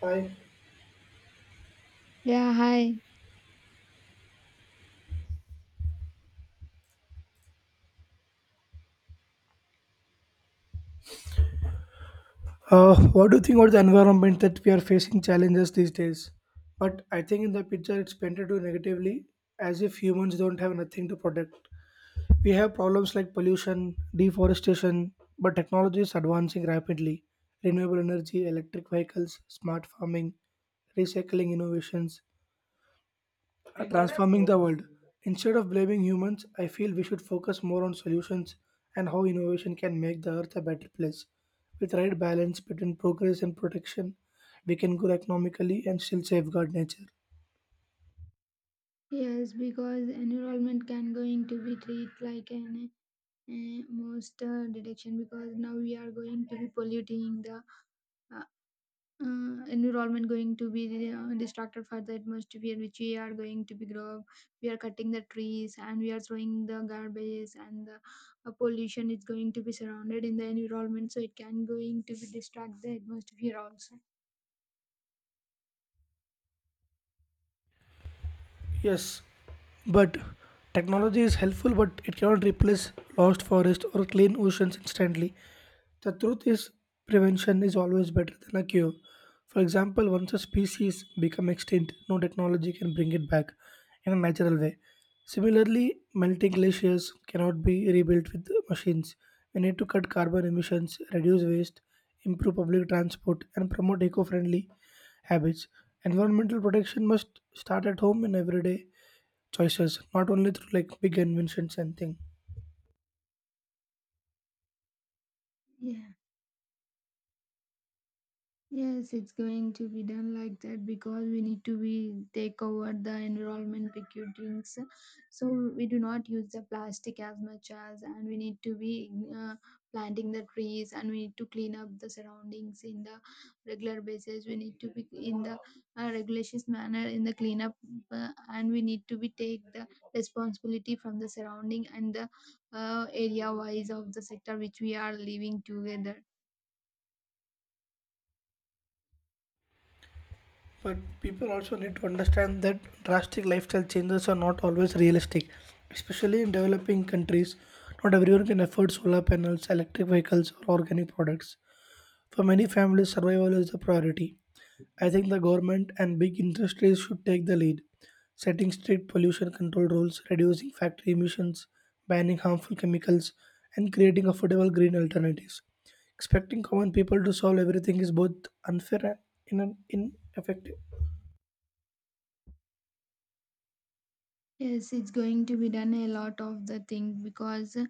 Hi. Yeah, hi. What do you think about the environment that we are facing challenges these days? But I think in the picture it's painted too negatively, as if humans don't have nothing to protect. We have problems like pollution, deforestation, but technology is advancing rapidly. Renewable energy, electric vehicles, smart farming, recycling innovations, are transforming the world. Instead of blaming humans, I feel we should focus more on solutions and how innovation can make the earth a better place. With right balance between progress and protection, we can grow economically and still safeguard nature. Yes, because environment can going to be treated like an most detection because now we are going to be polluting the uh, environment going to be distracted for the atmosphere which we are going to be grow up. We are cutting the trees and we are throwing the garbage and the pollution is going to be surrounded in the environment so it can going to be distract the atmosphere also. Yes, but technology is helpful, but it cannot replace lost forests or clean oceans instantly. The truth is, prevention is always better than a cure. For example, once a species become extinct, no technology can bring it back in a natural way. Similarly, melting glaciers cannot be rebuilt with machines. We need to cut carbon emissions, reduce waste, improve public transport, and promote eco-friendly habits. Environmental protection must start at home in everyday choices, not only through like big inventions and things. Yeah. Yes, it's going to be done like that because we need to be take over the environment with drinks. So we do not use the plastic as much as, and we need to be planting the trees, and we need to clean up the surroundings in the regular basis. We need to be in the regulations manner in the cleanup, and we need to be take the responsibility from the surrounding and the area wise of the sector which we are living together. But people also need to understand that drastic lifestyle changes are not always realistic, especially in developing countries. Not everyone can afford solar panels, electric vehicles, or organic products. For many families, survival is the priority. I think the government and big industries should take the lead, setting strict pollution control rules, reducing factory emissions, banning harmful chemicals, and creating affordable green alternatives. Expecting common people to solve everything is both unfair and ineffective. Yes, it's going to be done a lot of the thing because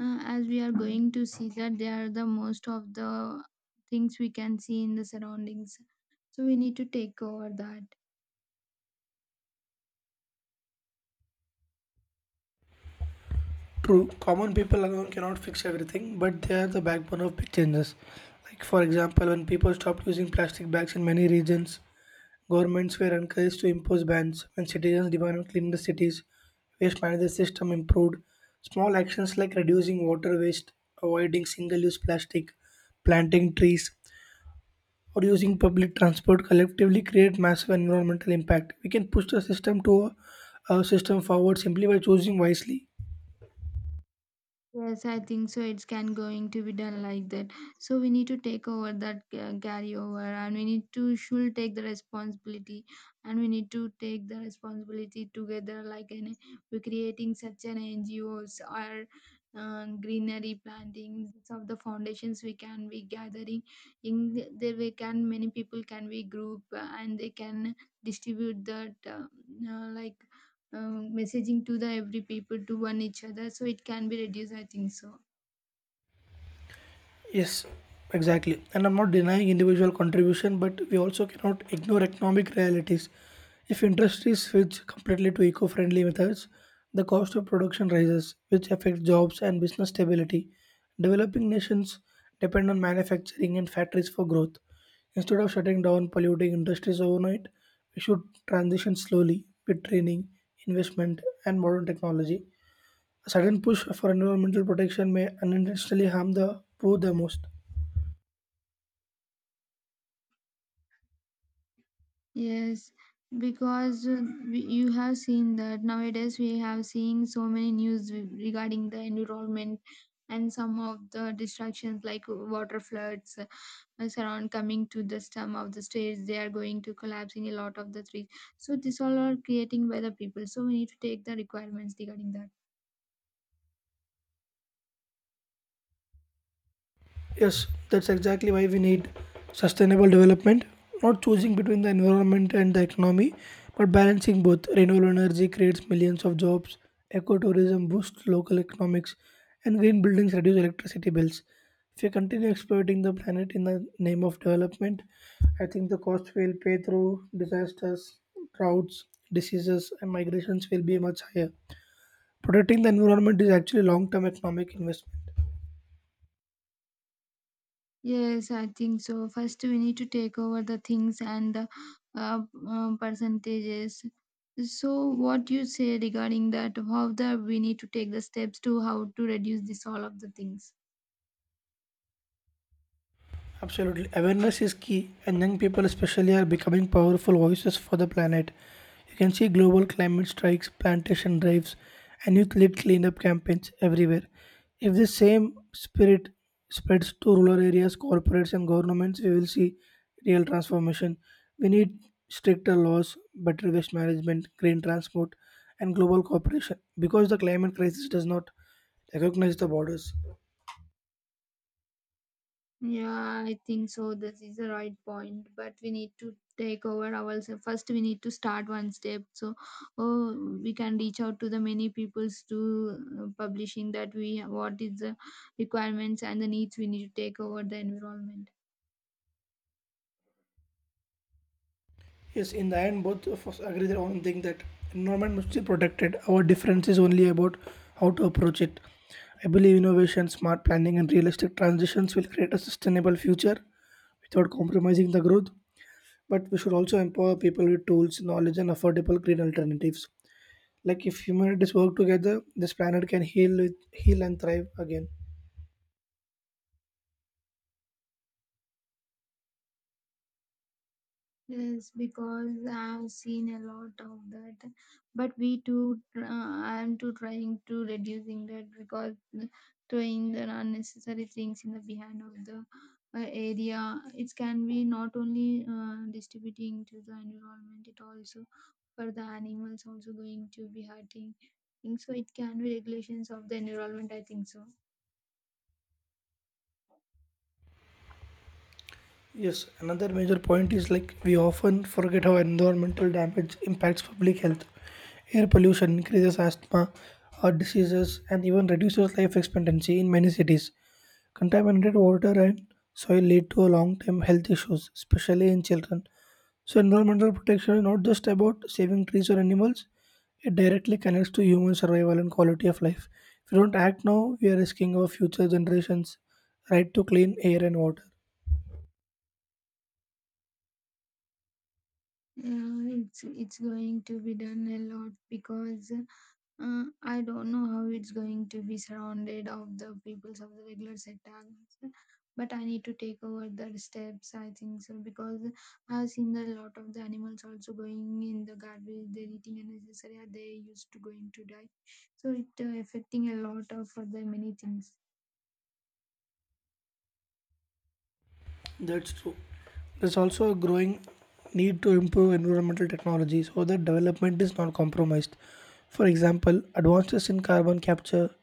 as we are going to see that they are the most of the things we can see in the surroundings. So we need to take over that. True, common people alone cannot fix everything, but they are the backbone of big changes. Like, for example, when people stopped using plastic bags in many regions, governments were encouraged to impose bans. When citizens demanded cleaner cities, waste management system improved. Small actions like reducing water waste, avoiding single-use plastic, planting trees, or using public transport collectively create massive environmental impact. We can push the system to a system forward simply by choosing wisely. Yes, I think so. It's can going to be done like that. So we need to take over that carry over, and we need to should take the responsibility, and we need to take the responsibility together. Like an, we're creating such an NGOs or greenery plantings of the foundations. We can be gathering there. We can many people can be group and they can distribute that like messaging to the every people to one each other so it can be reduced I think so. Yes, exactly. And I'm not denying individual contribution, but we also cannot ignore economic realities. If industries switch completely to eco friendly methods, the cost of production rises, which affects jobs and business stability. Developing nations depend on manufacturing and factories for growth. Instead of shutting down polluting industries overnight, we should transition slowly with training, investment, and modern technology. A sudden push for environmental protection may unintentionally harm the poor the most. Yes, because we, you have seen that nowadays we have seen so many news regarding the environment and some of the distractions like water floods surround coming to the stem of the stairs. They are going to collapse in a lot of the trees. So this all are creating by the people. So we need to take the requirements regarding that. Yes, that's exactly why we need sustainable development, not choosing between the environment and the economy, but balancing both. Renewable energy creates millions of jobs, ecotourism boosts local economics, and green buildings reduce electricity bills. If we continue exploiting the planet in the name of development, I think the cost we'll pay through disasters, droughts, diseases, and migrations will be much higher. Protecting the environment is actually long term economic investment. Yes, I think so. First, we need to take over the things and the uh, percentages. So, what you say regarding that? How the we need to take the steps to how to reduce this all of the things? Absolutely. Awareness is key, and young people, especially, are becoming powerful voices for the planet. You can see global climate strikes, plantation drives, and youth led cleanup campaigns everywhere. If the same spirit spreads to rural areas, corporates, and governments, we will see real transformation. We need stricter laws, better waste management, green transport, and global cooperation because the climate crisis does not recognize the borders. Yeah, I think so. This is the right point. But we need to take over ourselves first. We need to start one step. So, oh, we can reach out to the many peoples to publishing that we what is the requirements and the needs we need to take over the environment. Yes, in the end, both of us agree on one thing that environment must be protected. Our difference is only about how to approach it. I believe innovation, smart planning, and realistic transitions will create a sustainable future without compromising the growth. But we should also empower people with tools, knowledge, and affordable green alternatives. Like if humanities work together, this planet can heal, heal and thrive again. Yes, because I've seen a lot of that, but we too, I'm too trying to reducing that because doing the unnecessary things in the behind of the area, it can be not only distributing to the environment, it also for the animals also going to be hurting. Think so. It can be regulations of the environment. I think so. Yes, another major point is like we often forget how environmental damage impacts public health. Air pollution increases asthma, heart diseases, and even reduces life expectancy in many cities. Contaminated water and soil lead to long term health issues, especially in children. So, environmental protection is not just about saving trees or animals, it directly connects to human survival and quality of life. If we don't act now, we are risking our future generations' right to clean air and water. It's going to be done a lot because. I don't know how it's going to be surrounded of the peoples of the regular sector, but I need to take over the steps. I think so because I've seen a lot of the animals also going in the garbage. They're eating unnecessary. And They used to going to die, so it affecting a lot of other many things. That's true. There's also a growing need to improve environmental technology so that development is not compromised. For example, advances in carbon capture,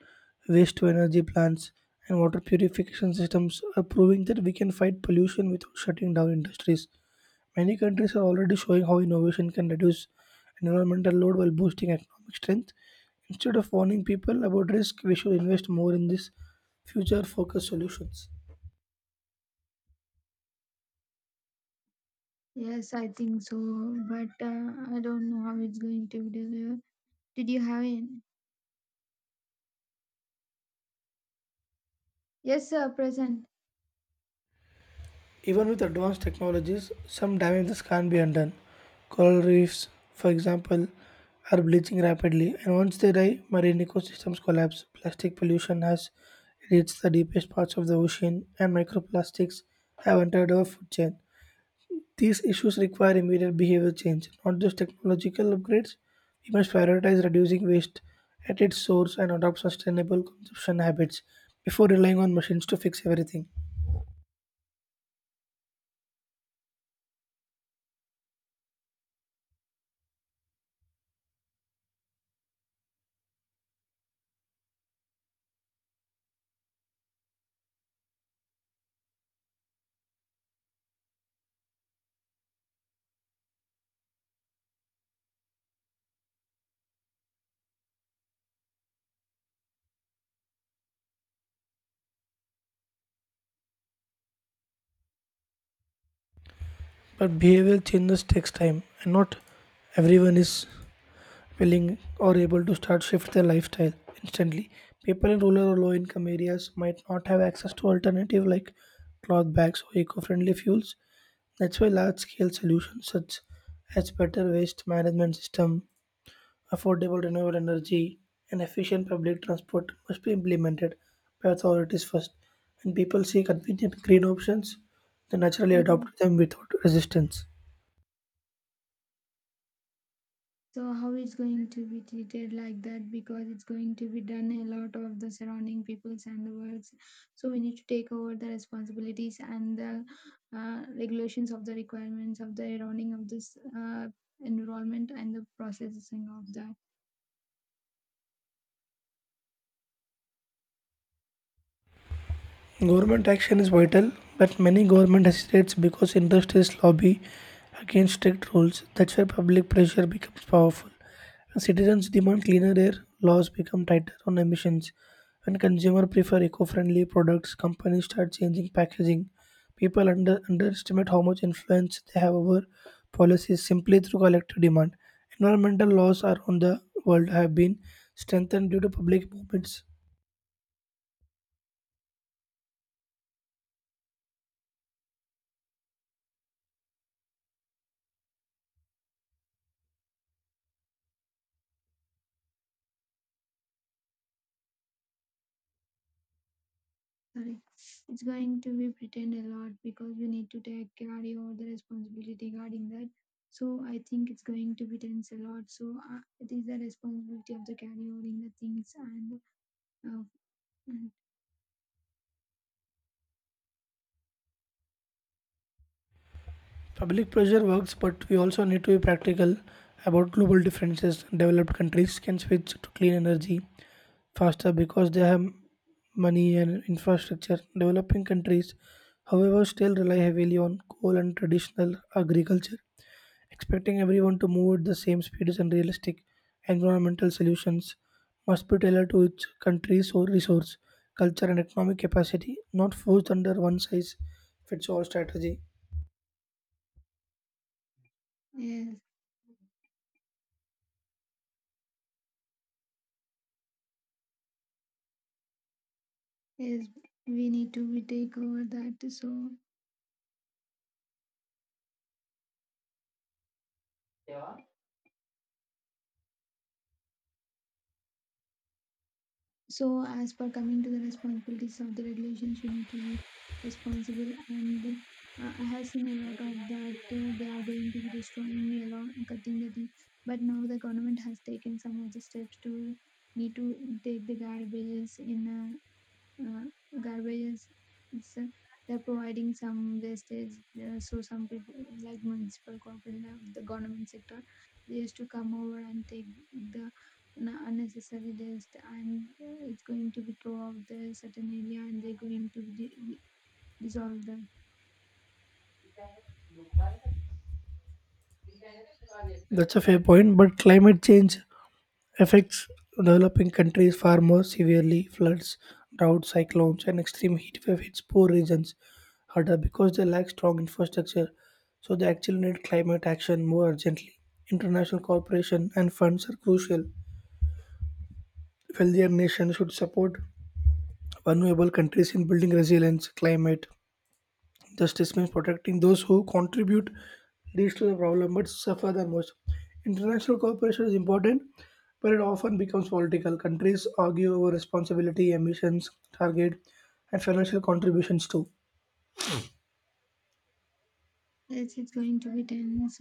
waste to energy plants, and water purification systems are proving that we can fight pollution without shutting down industries. Many countries are already showing how innovation can reduce environmental load while boosting economic strength. Instead of warning people about risk, we should invest more in these future focused solutions. Yes, I think so, but I don't know how it's going to be delivered. Did you have any? Yes, sir, present. Even with advanced technologies, some damages can't be undone. Coral reefs, for example, are bleaching rapidly, and once they die, marine ecosystems collapse. Plastic pollution has reached the deepest parts of the ocean, and microplastics have entered our food chain. These issues require immediate behavior change, not just technological upgrades. We must prioritize reducing waste at its source and adopt sustainable consumption habits before relying on machines to fix everything. But behavioral changes takes time, and not everyone is willing or able to start shift their lifestyle instantly. People in rural or low income areas might not have access to alternative like cloth bags or eco-friendly fuels. That's why large-scale solutions such as better waste management system, affordable renewable energy, and efficient public transport must be implemented by authorities first. When people see convenient green options, they naturally Yeah. adopt them without resistance. So how it's going to be treated like that because it's going to be done a lot of the surrounding peoples and the worlds. So we need to take over the responsibilities and the regulations of the requirements of the surrounding of this environment and the processing of that. Government action is vital, but many government hesitates because industries lobby against strict rules. That's where public pressure becomes powerful. When citizens demand cleaner air, laws become tighter on emissions. When consumers prefer eco-friendly products, companies start changing packaging. Underestimate how much influence they have over policies simply through collective demand. Environmental laws around the world have been strengthened due to public movements. Sorry, it's going to be pretend a lot because we need to take carry over the responsibility regarding that. So I think it's going to be tense a lot. So it is the responsibility of the carry over in the things and uh, Public pressure works, but we also need to be practical about global differences. Developed countries can switch to clean energy faster because they have money and infrastructure. Developing countries, however, still rely heavily on coal and traditional agriculture. Expecting everyone to move at the same speed is unrealistic. Environmental solutions must be tailored to each country's own resource, culture, and economic capacity, not forced under one size fits all strategy. yes, yes, we need to we take over that. So, so as per coming to the responsibilities of the regulations, we need to be responsible. And I have seen a lot of that. They are going to be destroying a lot, cutting the tree. But now the government has taken some of the steps to need to take the garbages in. Uh, Garbage is, they're providing some wastage so some people like municipal corporation the government sector they used to come over and take the unnecessary waste and it's going to be thrown out the certain area and they're going to dissolve the That's a fair point, but climate change affects developing countries far more severely. Floods, droughts, cyclones, and extreme heat wave hits poor regions harder because they lack strong infrastructure. So they actually need climate action more urgently. International cooperation and funds are crucial. Wealthier nations should support vulnerable countries in building resilience, climate justice means protecting those who contribute least to the problem but suffer the most. International cooperation is important, but it often becomes political. Countries argue over responsibility, emissions, target, and financial contributions too. it's going to be tense